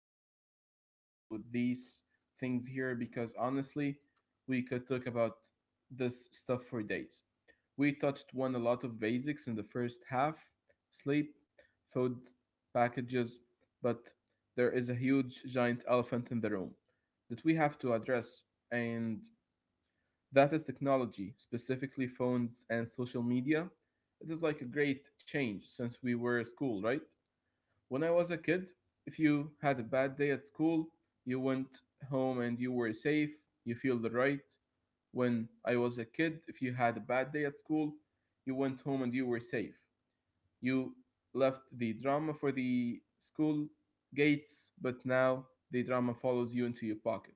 right back into these things here because honestly, we could talk about this stuff for days. We touched on a lot of basics in the first half sleep, food, packages, but there is a huge, giant elephant in the room that we have to address, and that is technology, specifically phones and social media. It is like a great change since we were at school, right? When I was a kid, if you had a bad day at school, you went home and you were safe, you feel the right. When I was a kid, if you had a bad day at school, you went home and you were safe. You left the drama for the school gates, but now the drama follows you into your pocket.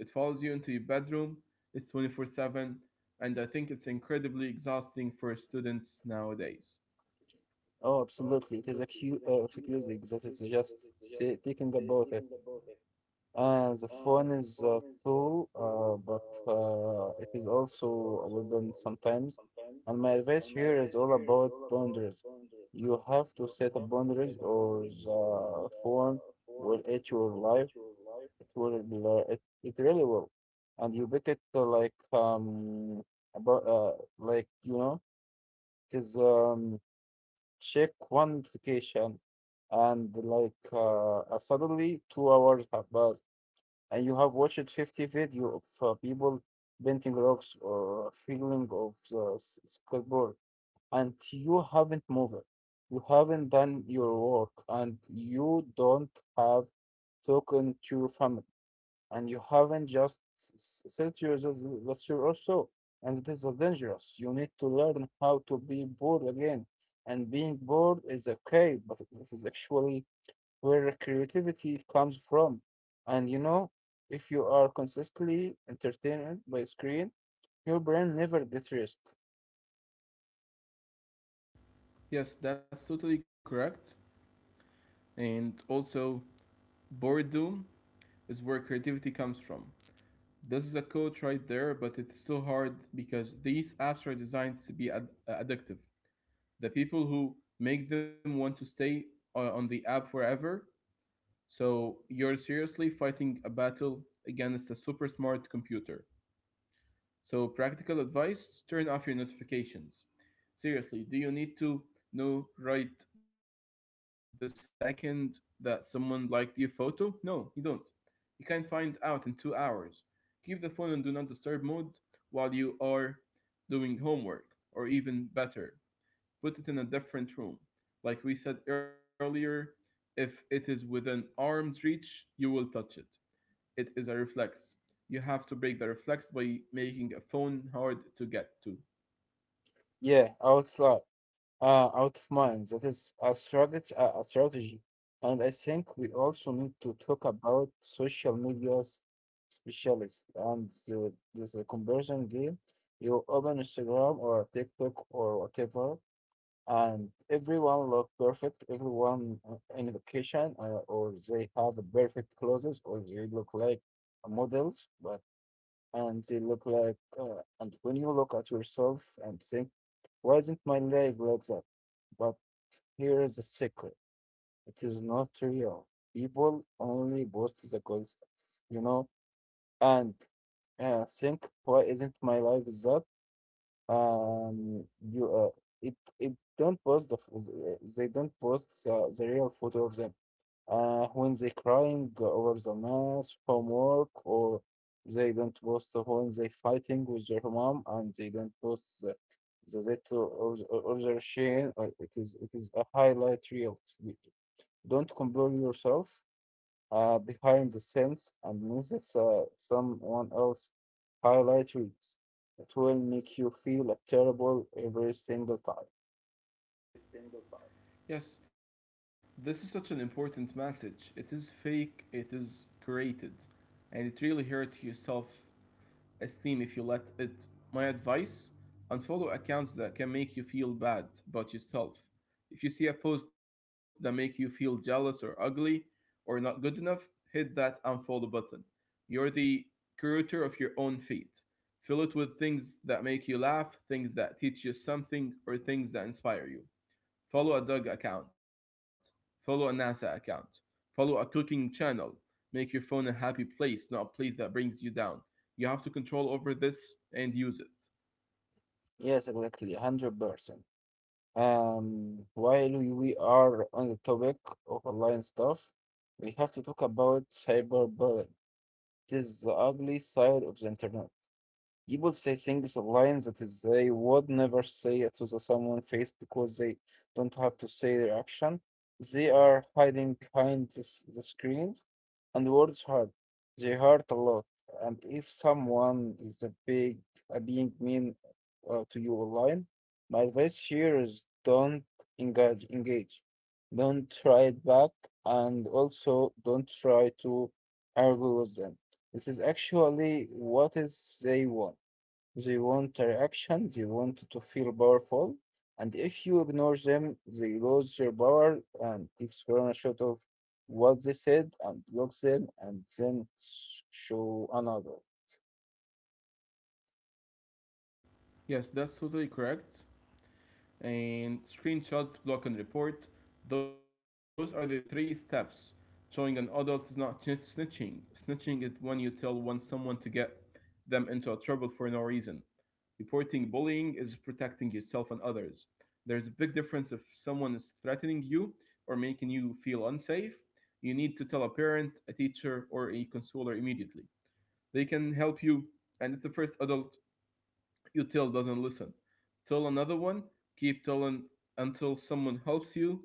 It follows you into your bedroom. It's 24 7, and I think it's incredibly exhausting for students nowadays. Oh, absolutely. It is accu excusing that it's just say, thinking about it. And the phone is a tool, but it is also a weapon sometimes. And my advice here is all about boundaries. You have to set a boundaries, or the phone will eat your life. It will, it really will. And you pick it like about like you know, because check one notification and suddenly 2 hours have passed, and you have watched 50 video of people painting rocks or fiddling of the skateboard, and you haven't moved, you haven't done your work, and you don't have spoken to your family, and you haven't just set yourself. That's your also, and it is so dangerous. You need to learn how to be bored again, and being bored is okay, but this is actually where creativity comes from. And you know, if you are consistently entertained by screen, your brain never gets rest. Yes, that's totally correct. And also, boredom is where creativity comes from. This is a quote right there, but it's so hard because these apps are designed to be addictive. The people who make them want to stay on the app forever. So you're seriously fighting a battle against a super smart computer. So, practical advice turn off your notifications. Seriously, do you need to know right the second that someone liked your photo? No, you don't. You can find out in 2 hours. Keep the phone on do not disturb mode while you are doing homework, or even better, put it in a different room. Like we said earlier, if it is within arm's reach, you will touch it. It is a reflex. You have to break the reflex by making a phone hard to get to. Yeah, I would slide out of mind. That is a strategy, a strategy. And I think we also need to talk about social media's specialist and there's a conversion game. You open Instagram or TikTok or whatever, and everyone look perfect. Everyone in vacation, or they have the perfect clothes, or they look like models. But and they look like and when you look at yourself and think, why isn't my leg like that? But here is the secret: it is not real. People only post the good stuff, you know. And think, why isn't my life is that? Um you uh, it it don't post the they don't post the real photo of them when they crying over the math homework, or they don't post when they fighting with their mom, and they don't post the that, or their shame. It is a highlight reel. Don't compare yourself behind the scenes and music someone else highlight reels. It will make you feel terrible every single time. Yes, this is such an important message. It is fake, it is created, and it really hurts yourself esteem if you let it. My advice unfollow accounts that can make you feel bad about yourself. If you see a post that makes you feel jealous or ugly or not good enough, hit that unfollow button. You're the curator of your own feed. Fill it with things that make you laugh, things that teach you something, or things that inspire you. Follow a dog account. Follow a NASA account. Follow a cooking channel. Make your phone a happy place, not a place that brings you down. You have to control over this and use it. Yes, exactly, 100%. While we are on the topic of online stuff, we have to talk about cyberbullying. It is the ugly side of the internet. People say things lines that is they would never say it to the someone face, because they don't have to say their action. They are hiding behind the screen, and words hurt. They hurt a lot. And if someone is a big a being mean to you online, my advice here is don't engage. Engage. Don't try it back, and also don't try to argue with them. This is actually what is they want. They want a reaction, they want to feel powerful, and if you ignore them, they lose their power. And take screenshot of what they said, and block them, and then show another. Yes, that's totally correct. And screenshot, block, and report. Those are the three steps. Showing an adult is not snitching. Snitching is when you tell one someone to get them into a trouble for no reason. Reporting bullying is protecting yourself and others. There's a big difference if someone is threatening you or making you feel unsafe. You need to tell a parent, a teacher, or a counselor immediately. They can help you, and it's the first adult you tell doesn't listen. Tell another one, keep telling until someone helps you.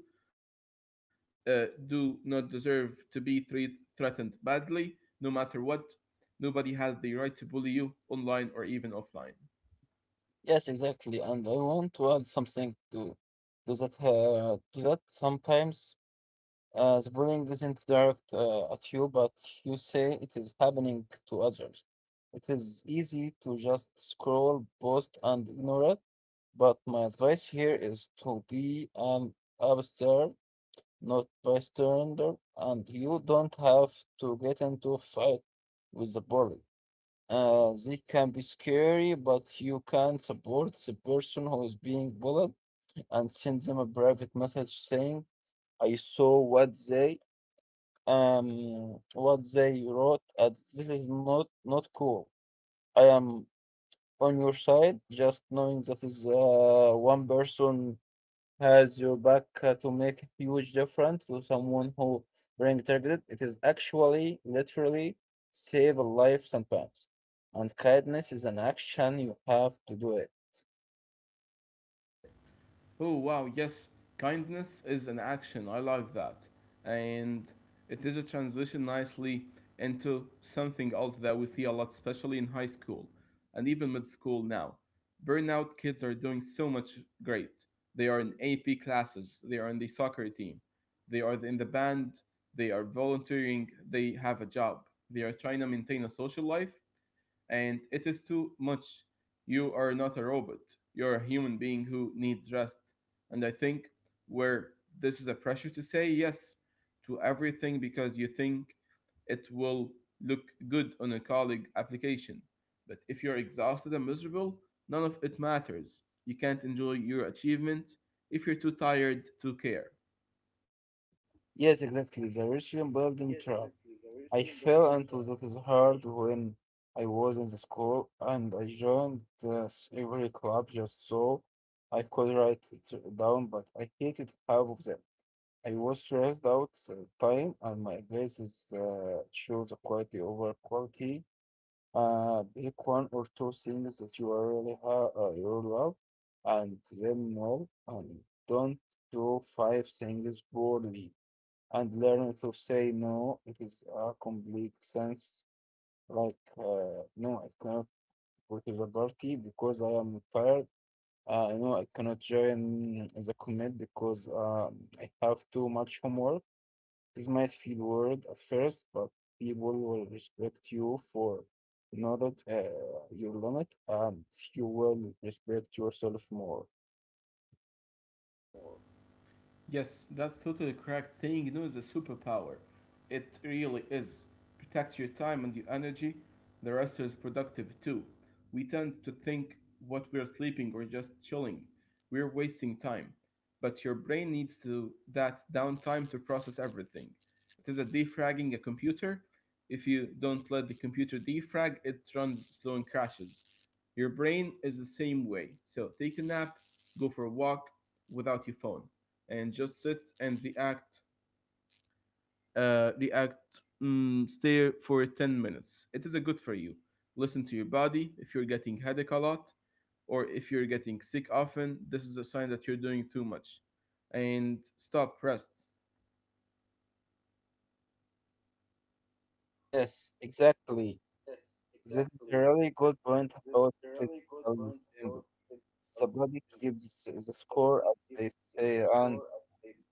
Do not deserve to be threatened badly, no matter what. Nobody has the right to bully you online or even offline. Yes, exactly. And I want to add something to that sometimes the bullying isn't direct at you, but you say it is happening to others. It is easy to just scroll, post, and ignore it. But my advice here is to be an upstart, not bystander, and you don't have to get into a fight with the bully. They can be scary, but you can support the person who is being bullied and send them a private message saying, "I saw what they wrote, and this is not cool. I am on your side. Just knowing that is one person" has your back to make a huge difference to someone who being targeted. It is actually literally save a life sometimes. And kindness is an action, you have to do it. Oh wow, yes, kindness is an action. I love that. And it is a transition nicely into something else that we see a lot, especially in high school and even mid school now. Burnout kids are doing so much great. They are in AP classes, they are in the soccer team, they are in the band, they are volunteering, they have a job, they are trying to maintain a social life and it is too much. You are not a robot. You're a human being who needs rest. And I think where this is a pressure to say yes to everything because you think it will look good on a colleague application. But if you're exhausted and miserable, none of it matters. You can't enjoy your achievement if you're too tired to care. Yes, exactly. The religion building trap. I fell into that is hard when I was in the school, and I joined the slavery club just so I could write it down, but I hated half of them. I was stressed out time, and my glasses shows quality over quality. Pick one or two things that you are really ha you love and them well, and don't do five things poorly. And learn to say no. It is a complete sense, like no, I cannot go to the party because I am tired. No, I cannot join the commit because I have too much homework. This might feel weird at first, but people will respect you for not your limit, and you will respect yourself more. Yes, that's totally correct. Saying no is a superpower. It really is. Protects your time and your energy. The rest is productive too. We tend to think what we're sleeping or just chilling. We're wasting time. But your brain needs to that downtime to process everything. It is a defragging a computer. If you don't let the computer defrag, it runs slow and crashes. Your brain is the same way. So take a nap, go for a walk without your phone and just sit and react, react, stare for 10 minutes. It is a good for you. Listen to your body. If you're getting headache a lot, or if you're getting sick often, this is a sign that you're doing too much. And stop, rest. Yes, exactly. That's a really good point about physical symbol. Somebody keeps the score, as they say, and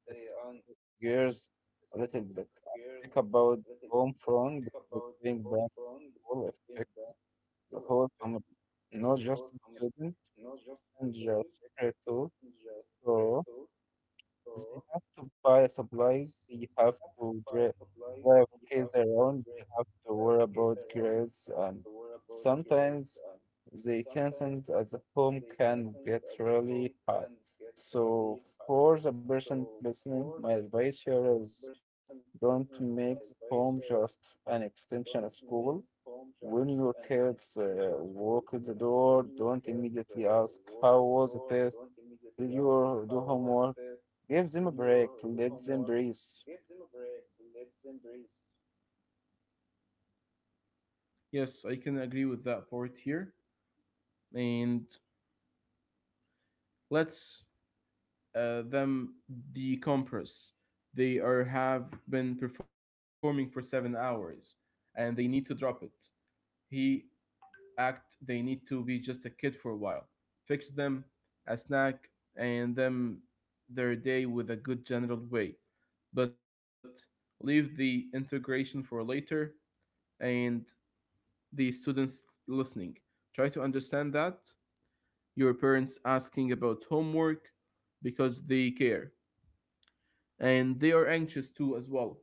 this gears a little bit. Think about home front, because being back all affects the whole family, not just the student. Real secret too. So they have to buy supplies, they have to drive kids around, they have to worry about grades, and sometimes the tension at the home can get really hard. So for the person listening, my advice here is don't make the home just an extension of school. When your kids walk in the door, don't immediately ask, "How was the test? Do your do homework." Give them a break. Let them breathe. Yes, I can agree with that part here. And let's them decompress. They are have been performing for 7 hours, and they need to drop it. He act they need to be just a kid for a while. Fix them a snack and then their day with a good general way. But leave the integration for later and the students listening. Try to understand that your parents asking about homework because they care and they are anxious too as well.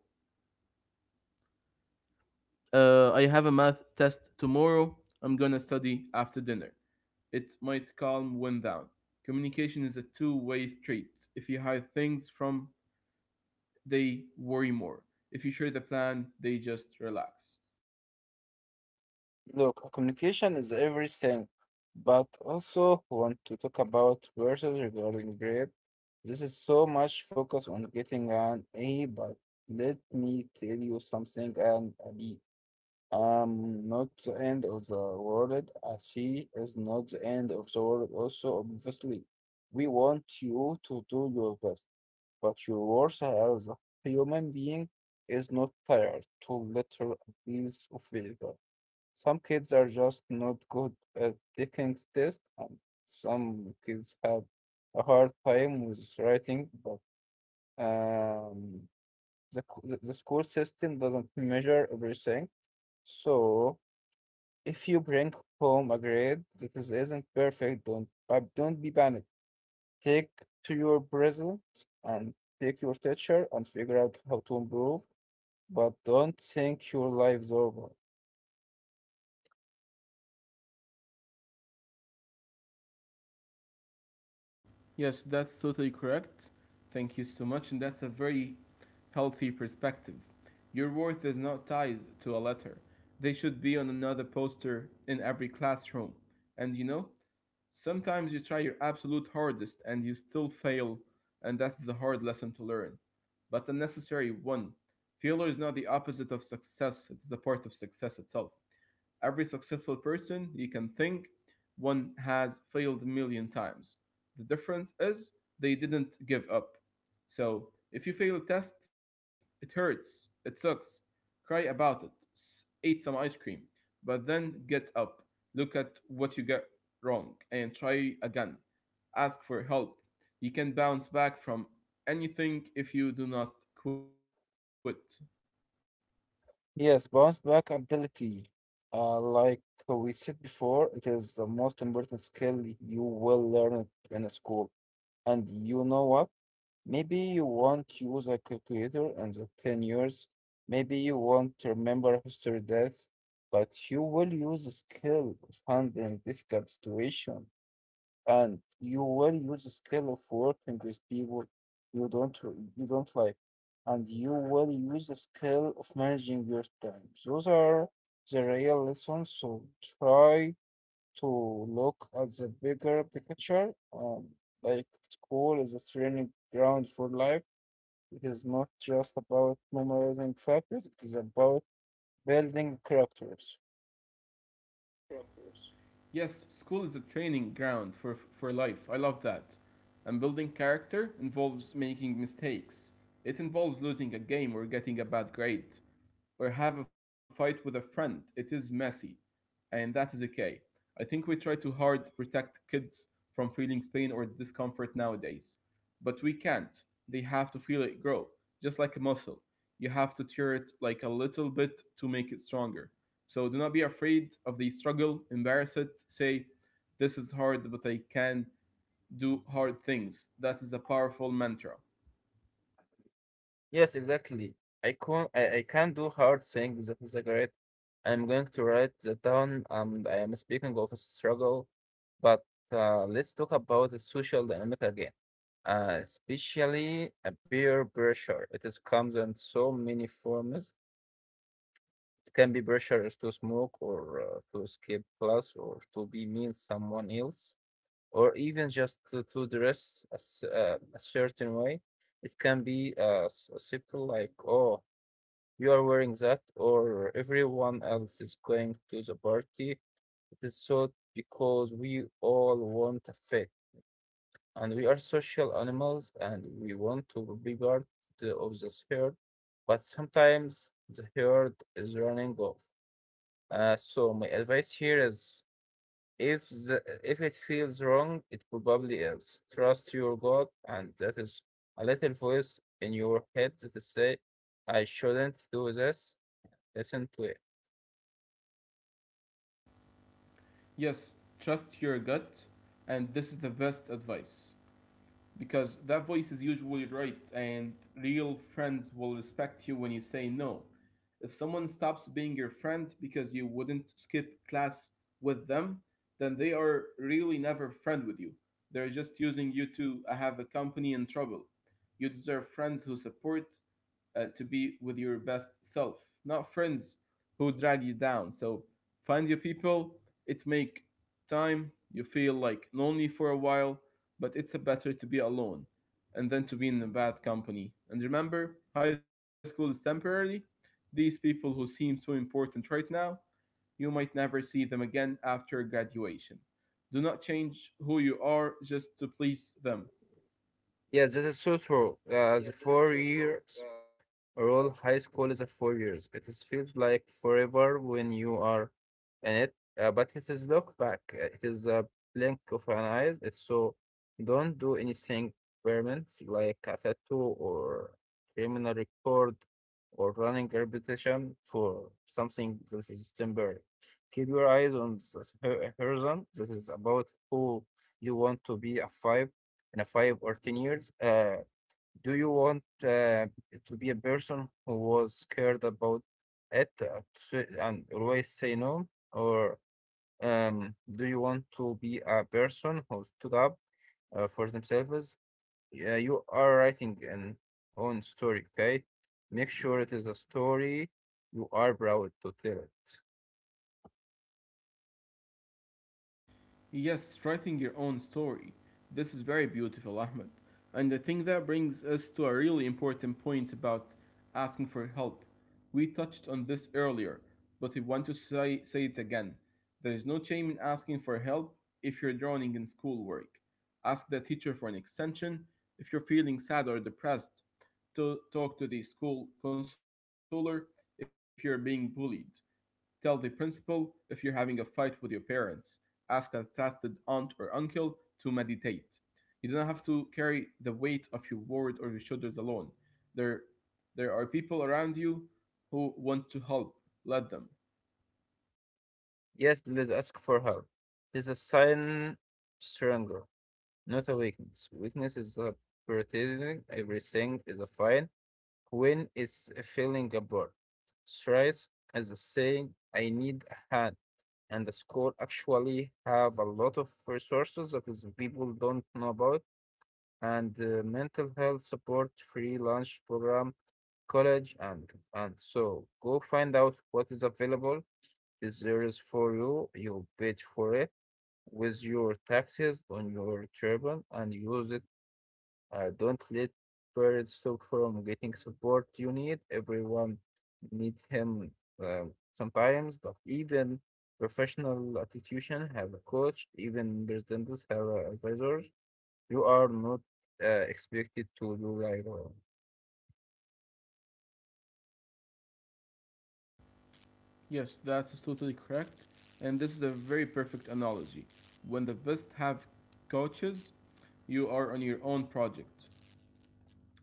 I have a math test tomorrow. I'm gonna study after dinner. It might calm one down. Communication is a two-way street. If you hide things from, they worry more. If you share the plan, they just relax. Look, communication is everything, but also want to talk about verses regarding grade. This is so much focus on getting an A, but let me tell you something, and a B. I'm not the end of the world, and she is not the end of the world also, obviously. We want you to do your best, but your worth as a human being is not tired to little piece of failure. Some kids are just not good at taking tests, and some kids have a hard time with writing, but um, the school system doesn't measure everything. So if you bring home a grade that is, isn't perfect, don't be panicked. Take to your present and take your teacher and figure out how to improve, but don't think your life's over. Yes, that's totally correct. Thank you so much, and that's a very healthy perspective. Your worth is not tied to a letter. They should be on another poster in every classroom. And you know, sometimes you try your absolute hardest and you still fail, and that's the hard lesson to learn, but a necessary one. Failure is not the opposite of success, it's the part of success itself. Every successful person you can think one has failed a million times. The difference is they didn't give up. So, if you fail a test, it hurts, it sucks. Cry about it, eat some ice cream, but then get up, look at what you got wrong, and try again. Ask for help. You can bounce back from anything if you do not quit. Yes, bounce back ability. Like we said before, it is the most important skill you will learn in a school. And you know what? Maybe you want to use a calculator in the 10 years. Maybe you want to remember history dates, but you will use the skill of handling difficult situation, and you will use the skill of working with people you don't like. And you will use the skill of managing your time. Those are the real lessons. So try to look at the bigger picture. Like school is a training ground for life. It is not just about memorizing facts, it is about building characters. Yes, school is a training ground for, life. I love that. And building character involves making mistakes. It involves losing a game or getting a bad grade, or have a fight with a friend. It is messy, and that is okay. I think we try too hard to protect kids from feeling pain or discomfort nowadays, but we can't. They have to feel it grow, just like a muscle. You have to tear it like a little bit to make it stronger. So do not be afraid of the struggle, embarrass it, say, "This is hard, but I can do hard things." That is a powerful mantra. Yes, exactly. I can do hard things. That is a great. I'm going to write that down. I am speaking of a struggle, but let's talk about the social dynamic again. Especially a peer pressure. It is comes in so many forms. It can be pressure is to smoke, or to skip class, or to be mean someone else, or even just to dress a, a certain way. It can be simple, like, oh, you are wearing that, or everyone else is going to the party. It is so because we all want a fit, and we are social animals, and we want to be part of this herd. But sometimes the herd is running off. So my advice here is, if it feels wrong, it probably is. Trust your gut, and that is a little voice in your head that is say, "I shouldn't do this." Listen to it. Yes, trust your gut, and this is the best advice, because that voice is usually right and real friends will respect you when you say no. If someone stops being your friend because you wouldn't skip class with them, then they are really never friend with you. They're just using you to have a company in trouble. You deserve friends who support, to be with your best self, not friends who drag you down. So find your people. It make time. You feel like lonely for a while, but it's better to be alone and then to be in a bad company. And remember, high school is temporary. These people who seem so important right now, you might never see them again after graduation. Do not change who you are just to please them. Yes, that is so true. The four years Overall, high school is a 4 years. It is feels like forever when you are in it, but it is look back. Uh, it is a blink of an eye. It's so, don't do anything permanent like a tattoo or criminal record or running a repetition for something that is temporary. Keep your eyes on the horizon. This is about who you want to be a five in a 5 or 10 years. Do you want to be a person who was scared about it and always say no? Or do you want to be a person who stood up for themselves? Yeah, you are writing an own story, okay? Make sure it is a story you are proud to tell it. Yes, writing your own story. This is very beautiful, Ahmed. And I think that brings us to a really important point about asking for help. We touched on this earlier, but we want to say it again. There is no shame in asking for help if you're drowning in schoolwork. Ask the teacher for an extension if you're feeling sad or depressed. To talk to the school counselor if you're being bullied. Tell the principal if you're having a fight with your parents. Ask a trusted aunt or uncle to mediate. You do not have to carry the weight of your word or your shoulders alone. There, there are people around you who want to help. Let them. Yes, please ask for help. It is a sign stronger, not a weakness. Weakness is a pretending everything is a fine when it's feeling a feeling. Stress is a saying, I need a hand. And the school actually have a lot of resources that is people don't know about. And mental health support, free lunch program, college, and so go find out what is available. Is there is for you. You paid for it with your taxes on your turban and use it. Don't let Bird stop from getting support you need. Everyone needs him uh, sometimes, but even professional institution have a coach, even presidents have advisors. You are not expected to do like well. Yes, that is totally correct. And this is a very perfect analogy. When the best have coaches, you are on your own project.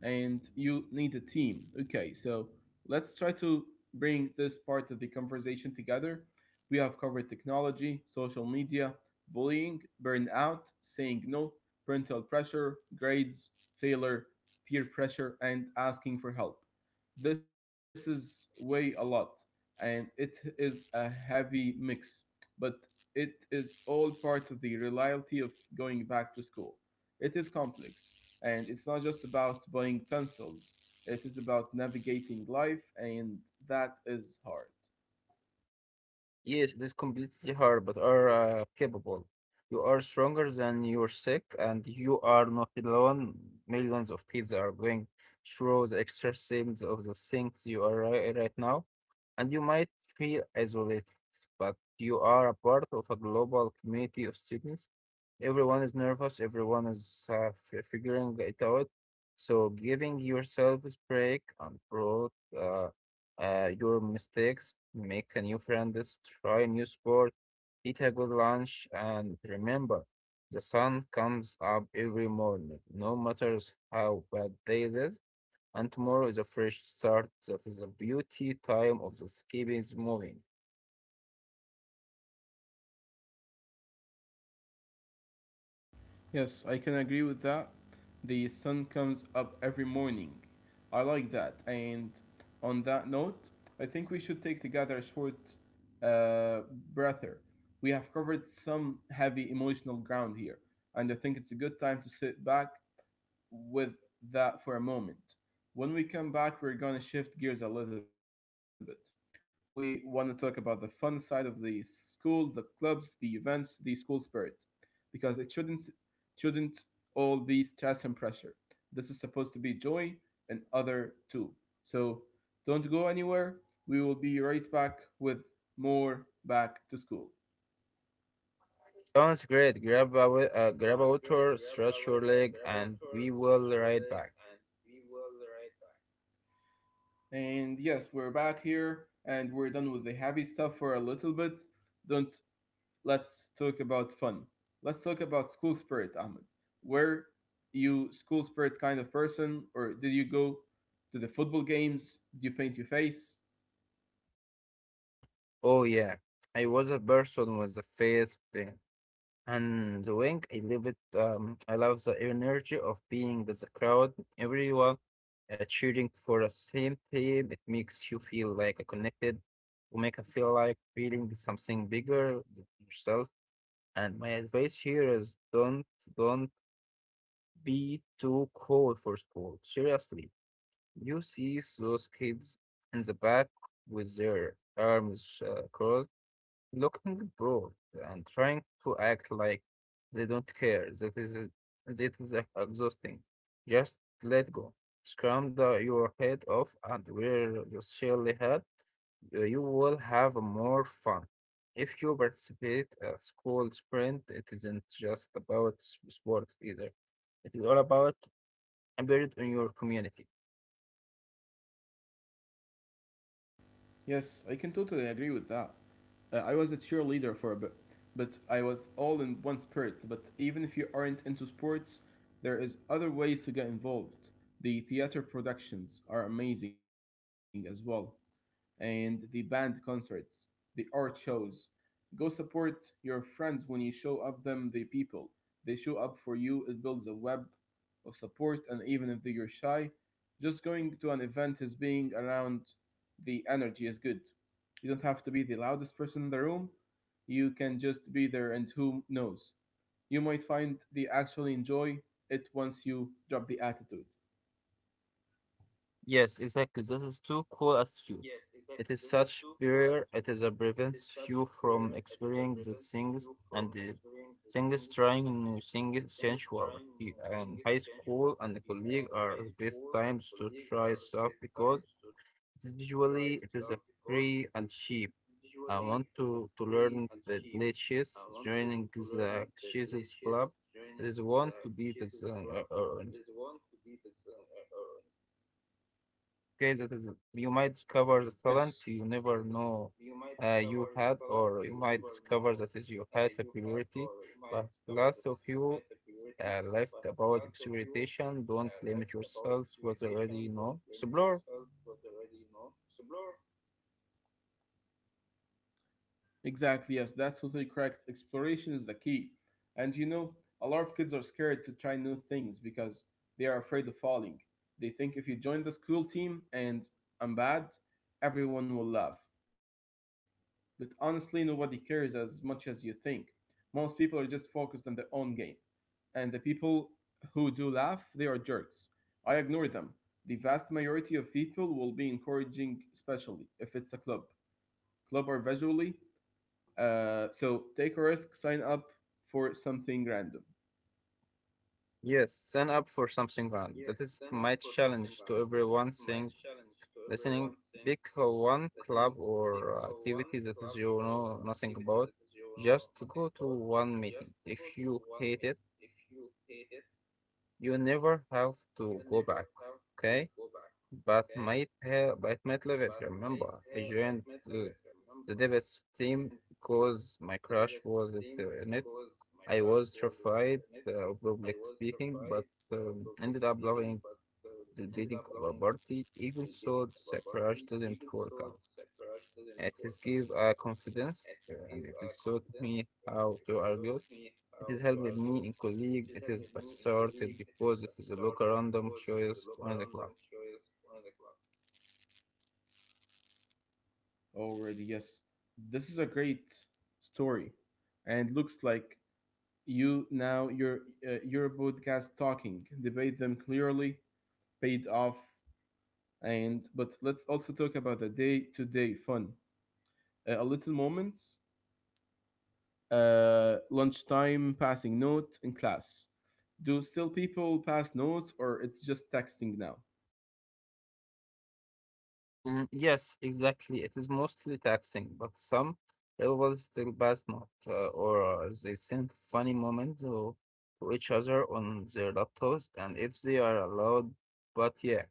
And you need a team. Okay, so let's try to bring this part of the conversation together. We have covered technology, social media, bullying, burnout, saying no, parental pressure, grades, failure, peer pressure, and asking for help. This is way a lot, and it is a heavy mix, but it is all part of the reality of going back to school. It is complex, and it's not just about buying pencils, it is about navigating life, and that is hard. Yes, it is completely hard, but are capable. You are stronger than you're sick, and you are not alone. Millions of kids are going through the extra things of the things you are right now, and you might feel isolated, but you are a part of a global community of students. Everyone is nervous, everyone is figuring it out. So giving yourself a break and broad, uh, your mistakes, make a new friend. Try a new sport, eat a good lunch, and remember, the sun comes up every morning, no matter how bad day it is, and tomorrow is a fresh start. That is the beauty time of the keeping is moving. Yes, I can agree with that. The sun comes up every morning. I like that. And on that note, I think we should take together a short uh, breather. We have covered some heavy emotional ground here, and I think it's a good time to sit back with that for a moment. When we come back, we're going to shift gears a little bit. We want to talk about the fun side of the school, the clubs, the events, the school spirit, because it shouldn't all be stress and pressure. This is supposed to be joy and other too. So don't go anywhere. We will be right back with more back to school. Sounds great. Grab a water, stretch your leg, and we will ride back. And yes, we're back here and we're done with the heavy stuff for a little bit. Don't, let's talk about fun. Let's talk about school spirit, Ahmed. Were you school spirit kind of person, or did you go to the football games? Did you paint your face? Oh yeah, I was a person with a face pain. And the wing, I love it. I love the energy of being with the crowd, everyone cheering for the same team. It makes you feel like a connected, to make you feel like feeling something bigger than yourself. And my advice here is don't be too cool for school. Seriously, you see those kids in the back with their arms crossed looking bored and trying to act like they don't care. That is exhausting. Just let go. Scram the, your head off and wear the silly hat. You will have more fun. If you participate a school sprint, it isn't just about sports either. It is all about a period in your community. Yes, I can totally agree with that. I was a cheerleader for a bit, but I was all in one spirit. But even if you aren't into sports, there is other ways to get involved. The theater productions are amazing as well, and the band concerts, the art shows. Go support your friends when you show up them the people. They show up for you. It builds a web of support, and even if you're shy, just going to an event is being around the energy is good. You don't have to be the loudest person in the room. You can just be there and who knows. You might find they actually enjoy it once you drop the attitude. Yes, exactly. This is too cool a you. It is such barrier. It is a prevents you from experiencing the things and the things trying new things sensual. And high school and the colleague are the best times to try stuff because it is usually it is a free and cheap. I want to learn the latest joining the chess club. It is want to be this. Okay, that is you might Yes, discover the talent you never know you had, or you might discover that is you had a priority, but lots of you left about experimentation. Don't limit yourself what you already know. Explore. exactly, yes, that's totally correct. Exploration is the key. And you know, a lot of kids are scared to try new things because they are afraid of falling. They think if you join the school team and I'm bad, everyone will laugh. But honestly, nobody cares as much as you think. Most people are just focused on their own game. And the people who do laugh, they are jerks. I ignore them. The vast majority of people will be encouraging, especially if it's a club. Club or visually, so take a risk, sign up for something random Yes, stand up for something grand. That is my challenge to everyone saying listening. Pick one club or activity that is you know nothing about. Just go to one meeting. If you hate it you never have to go back, okay? But might have, but might leave it. Remember, I joined the debates team because my crush was it, in it. I was terrified of public speaking, but ended up loving the leading of a party, even so the crush doesn't work out. At least give confidence, and it is showed me how to argue it is held with me and colleague. It is assorted because it is a local random choice on the clock. already. Yes, this is a great story, and looks like you now your podcast talking debate them clearly paid off. And but let's also talk about the day to day fun, a little moments, lunchtime passing note in class. Do still people pass notes, or it's just texting now? Yes, exactly. It is mostly taxing, but some levels still pass not, or they send funny moments to each other on their laptops, and if they are allowed. But yeah,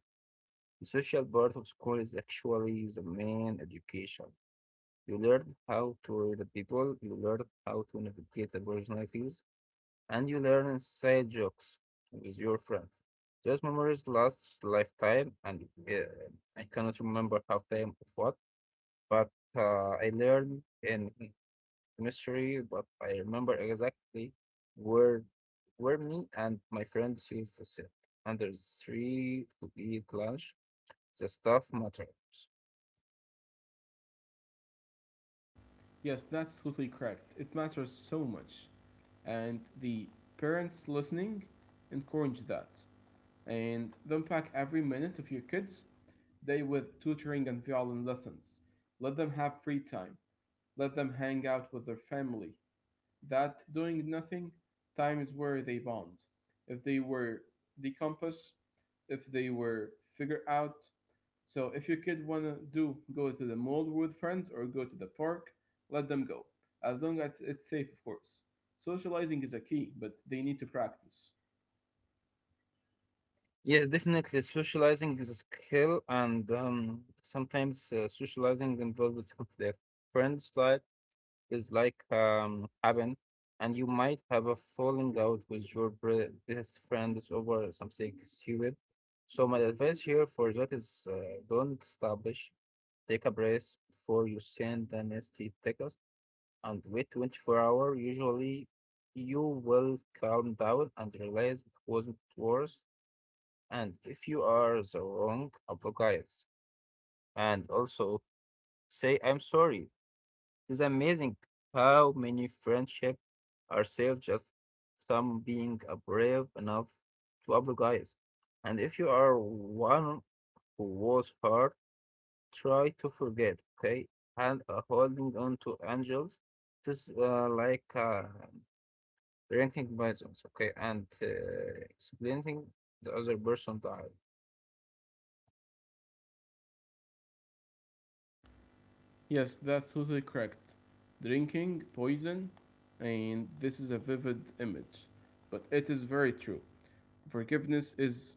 the social part of school is actually the main education. You learn how to read the people, you learn how to navigate the personalities, and you learn inside jokes with your friends. Those memories last lifetime, and I cannot remember half time of what, but I learned in mystery, but I remember exactly where where me and my friends used to sit under the tree to eat lunch. The stuff matters. Yes, that's totally correct. It matters so much. And the parents listening encourage that. And don't pack every minute of your kids' day with tutoring and violin lessons. Let them have free time. Let them hang out with their family. That doing nothing, time is where they bond. If they were the compass, if they were figure out, so if your kid wanna do go to the mall with friends or go to the park, let them go. As long as it's safe, of course. Socializing is a key, but they need to practice. Yes, definitely. Socializing is a skill, and sometimes socializing involves conflict. Friends like is like happen, and you might have a falling out with your best friends over something stupid. So my advice here for that is don't establish. Take a breath before you send an nasty text and wait 24 hour. Usually, you will calm down and realize it wasn't worse. And if you are the wrong, apologize. And also say I'm sorry it's amazing how many friendships are saved just some being brave enough to apologize. And if you are one who was hurt, try to forget, okay? And holding on to angels, this is like drinking poisons, okay? And explaining the other person died. Yes, that's totally correct. Drinking, poison, and this is a vivid image, but it is very true. Forgiveness is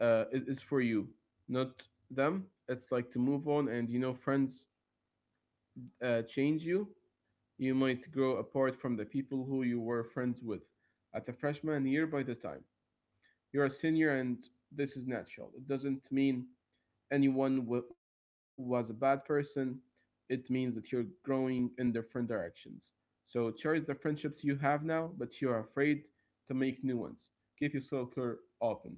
is for you, not them. It's like to move on and you know friends change you. You might grow apart from the people who you were friends with at the freshman year by the time you're a senior, and this is natural. It doesn't mean anyone was a bad person, it means that you're growing in different directions. So cherish the friendships you have now, but you're afraid to make new ones. Keep your circle open.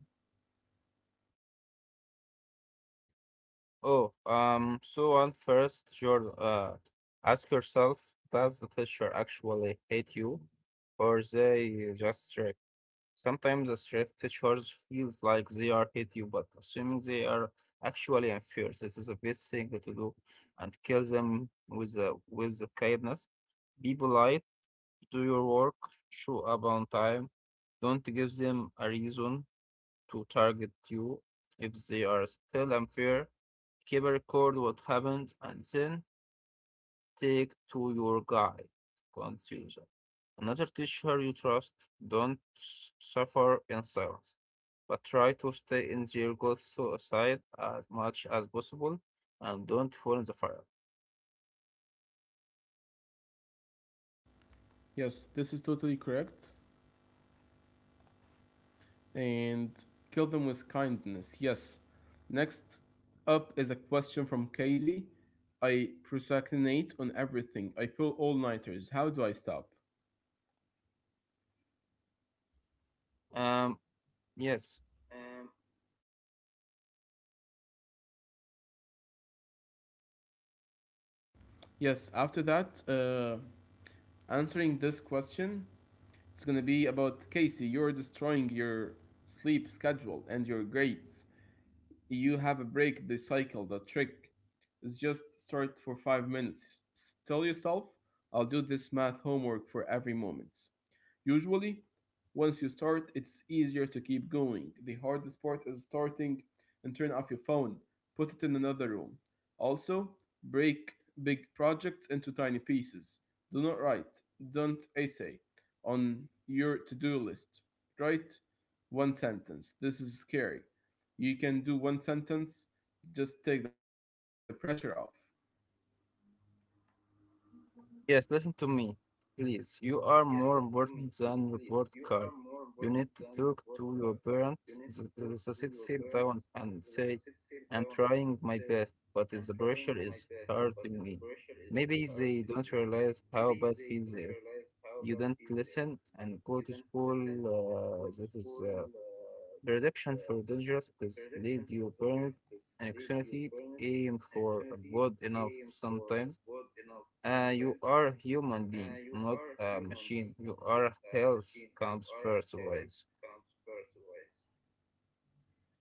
Oh, so on first, your ask yourself, does the teacher actually hate you, or they just strict? Sometimes the strict teachers feels like they are hate you, but assuming they are actually unfair, that is the best thing to do, and kill them with the kindness. Be polite, do your work, show up on time. Don't give them a reason to target you if they are still unfair. Keep a record what happened and then take to your guide. Conclusion. Another teacher you trust. Don't suffer in silence, but try to stay in their good side as much as possible and don't fall in the fire. Yes, this is totally correct, and kill them with kindness. Yes. Next up is a question from Casey. I procrastinate on everything. I pull all nighters. How do I stop? Um, yes. Yes, after that, answering this question, it's gonna be about Casey. You're destroying your sleep schedule and your grades. You have a break the cycle. The trick is just start for 5 minutes. Tell yourself, I'll do this math homework for every moment. Usually, once you start, it's easier to keep going. The hardest part is starting and turn off your phone, put it in another room. Also, break big projects into tiny pieces. Do not write, don't essay on your to do list. Write one sentence. This is scary. You can do one sentence, just take the pressure off. Yes, listen to me, please. You are more important than report card. You need to talk to your parents, the society, sit down and say, I'm trying my best, but the pressure is hurting me. Maybe they don't realize how bad feels it. You don't listen and go to school. This is the reduction for dangerous because lead your parent and anxiety aim for a good enough sometimes you are a human being, not a machine. You are health comes first always.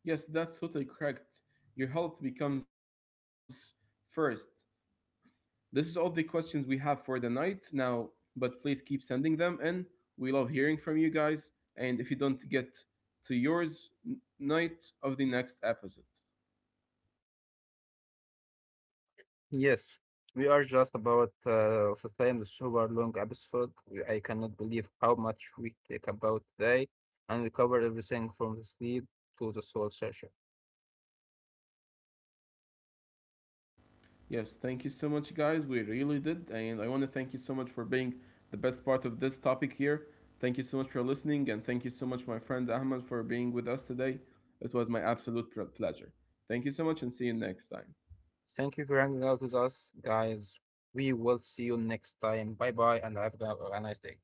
Yes, that's totally correct. Your health becomes first. This is all the questions we have for the night now, but please keep sending them in. We love hearing from you guys, and if you don't get to yours, night of the next episode. Yes, we are just about the time the super long episode. I cannot believe how much we take about today, and we covered everything from the sleep to the soul session. Yes, thank you so much, guys. We really did, and I want to thank you so much for being the best part of this topic here. Thank you so much for listening, and thank you so much, my friend Ahmed, for being with us today. It was my absolute pleasure. Thank you so much, and see you next time. Thank you for hanging out with us, guys. We will see you next time. Bye bye, and have a nice day.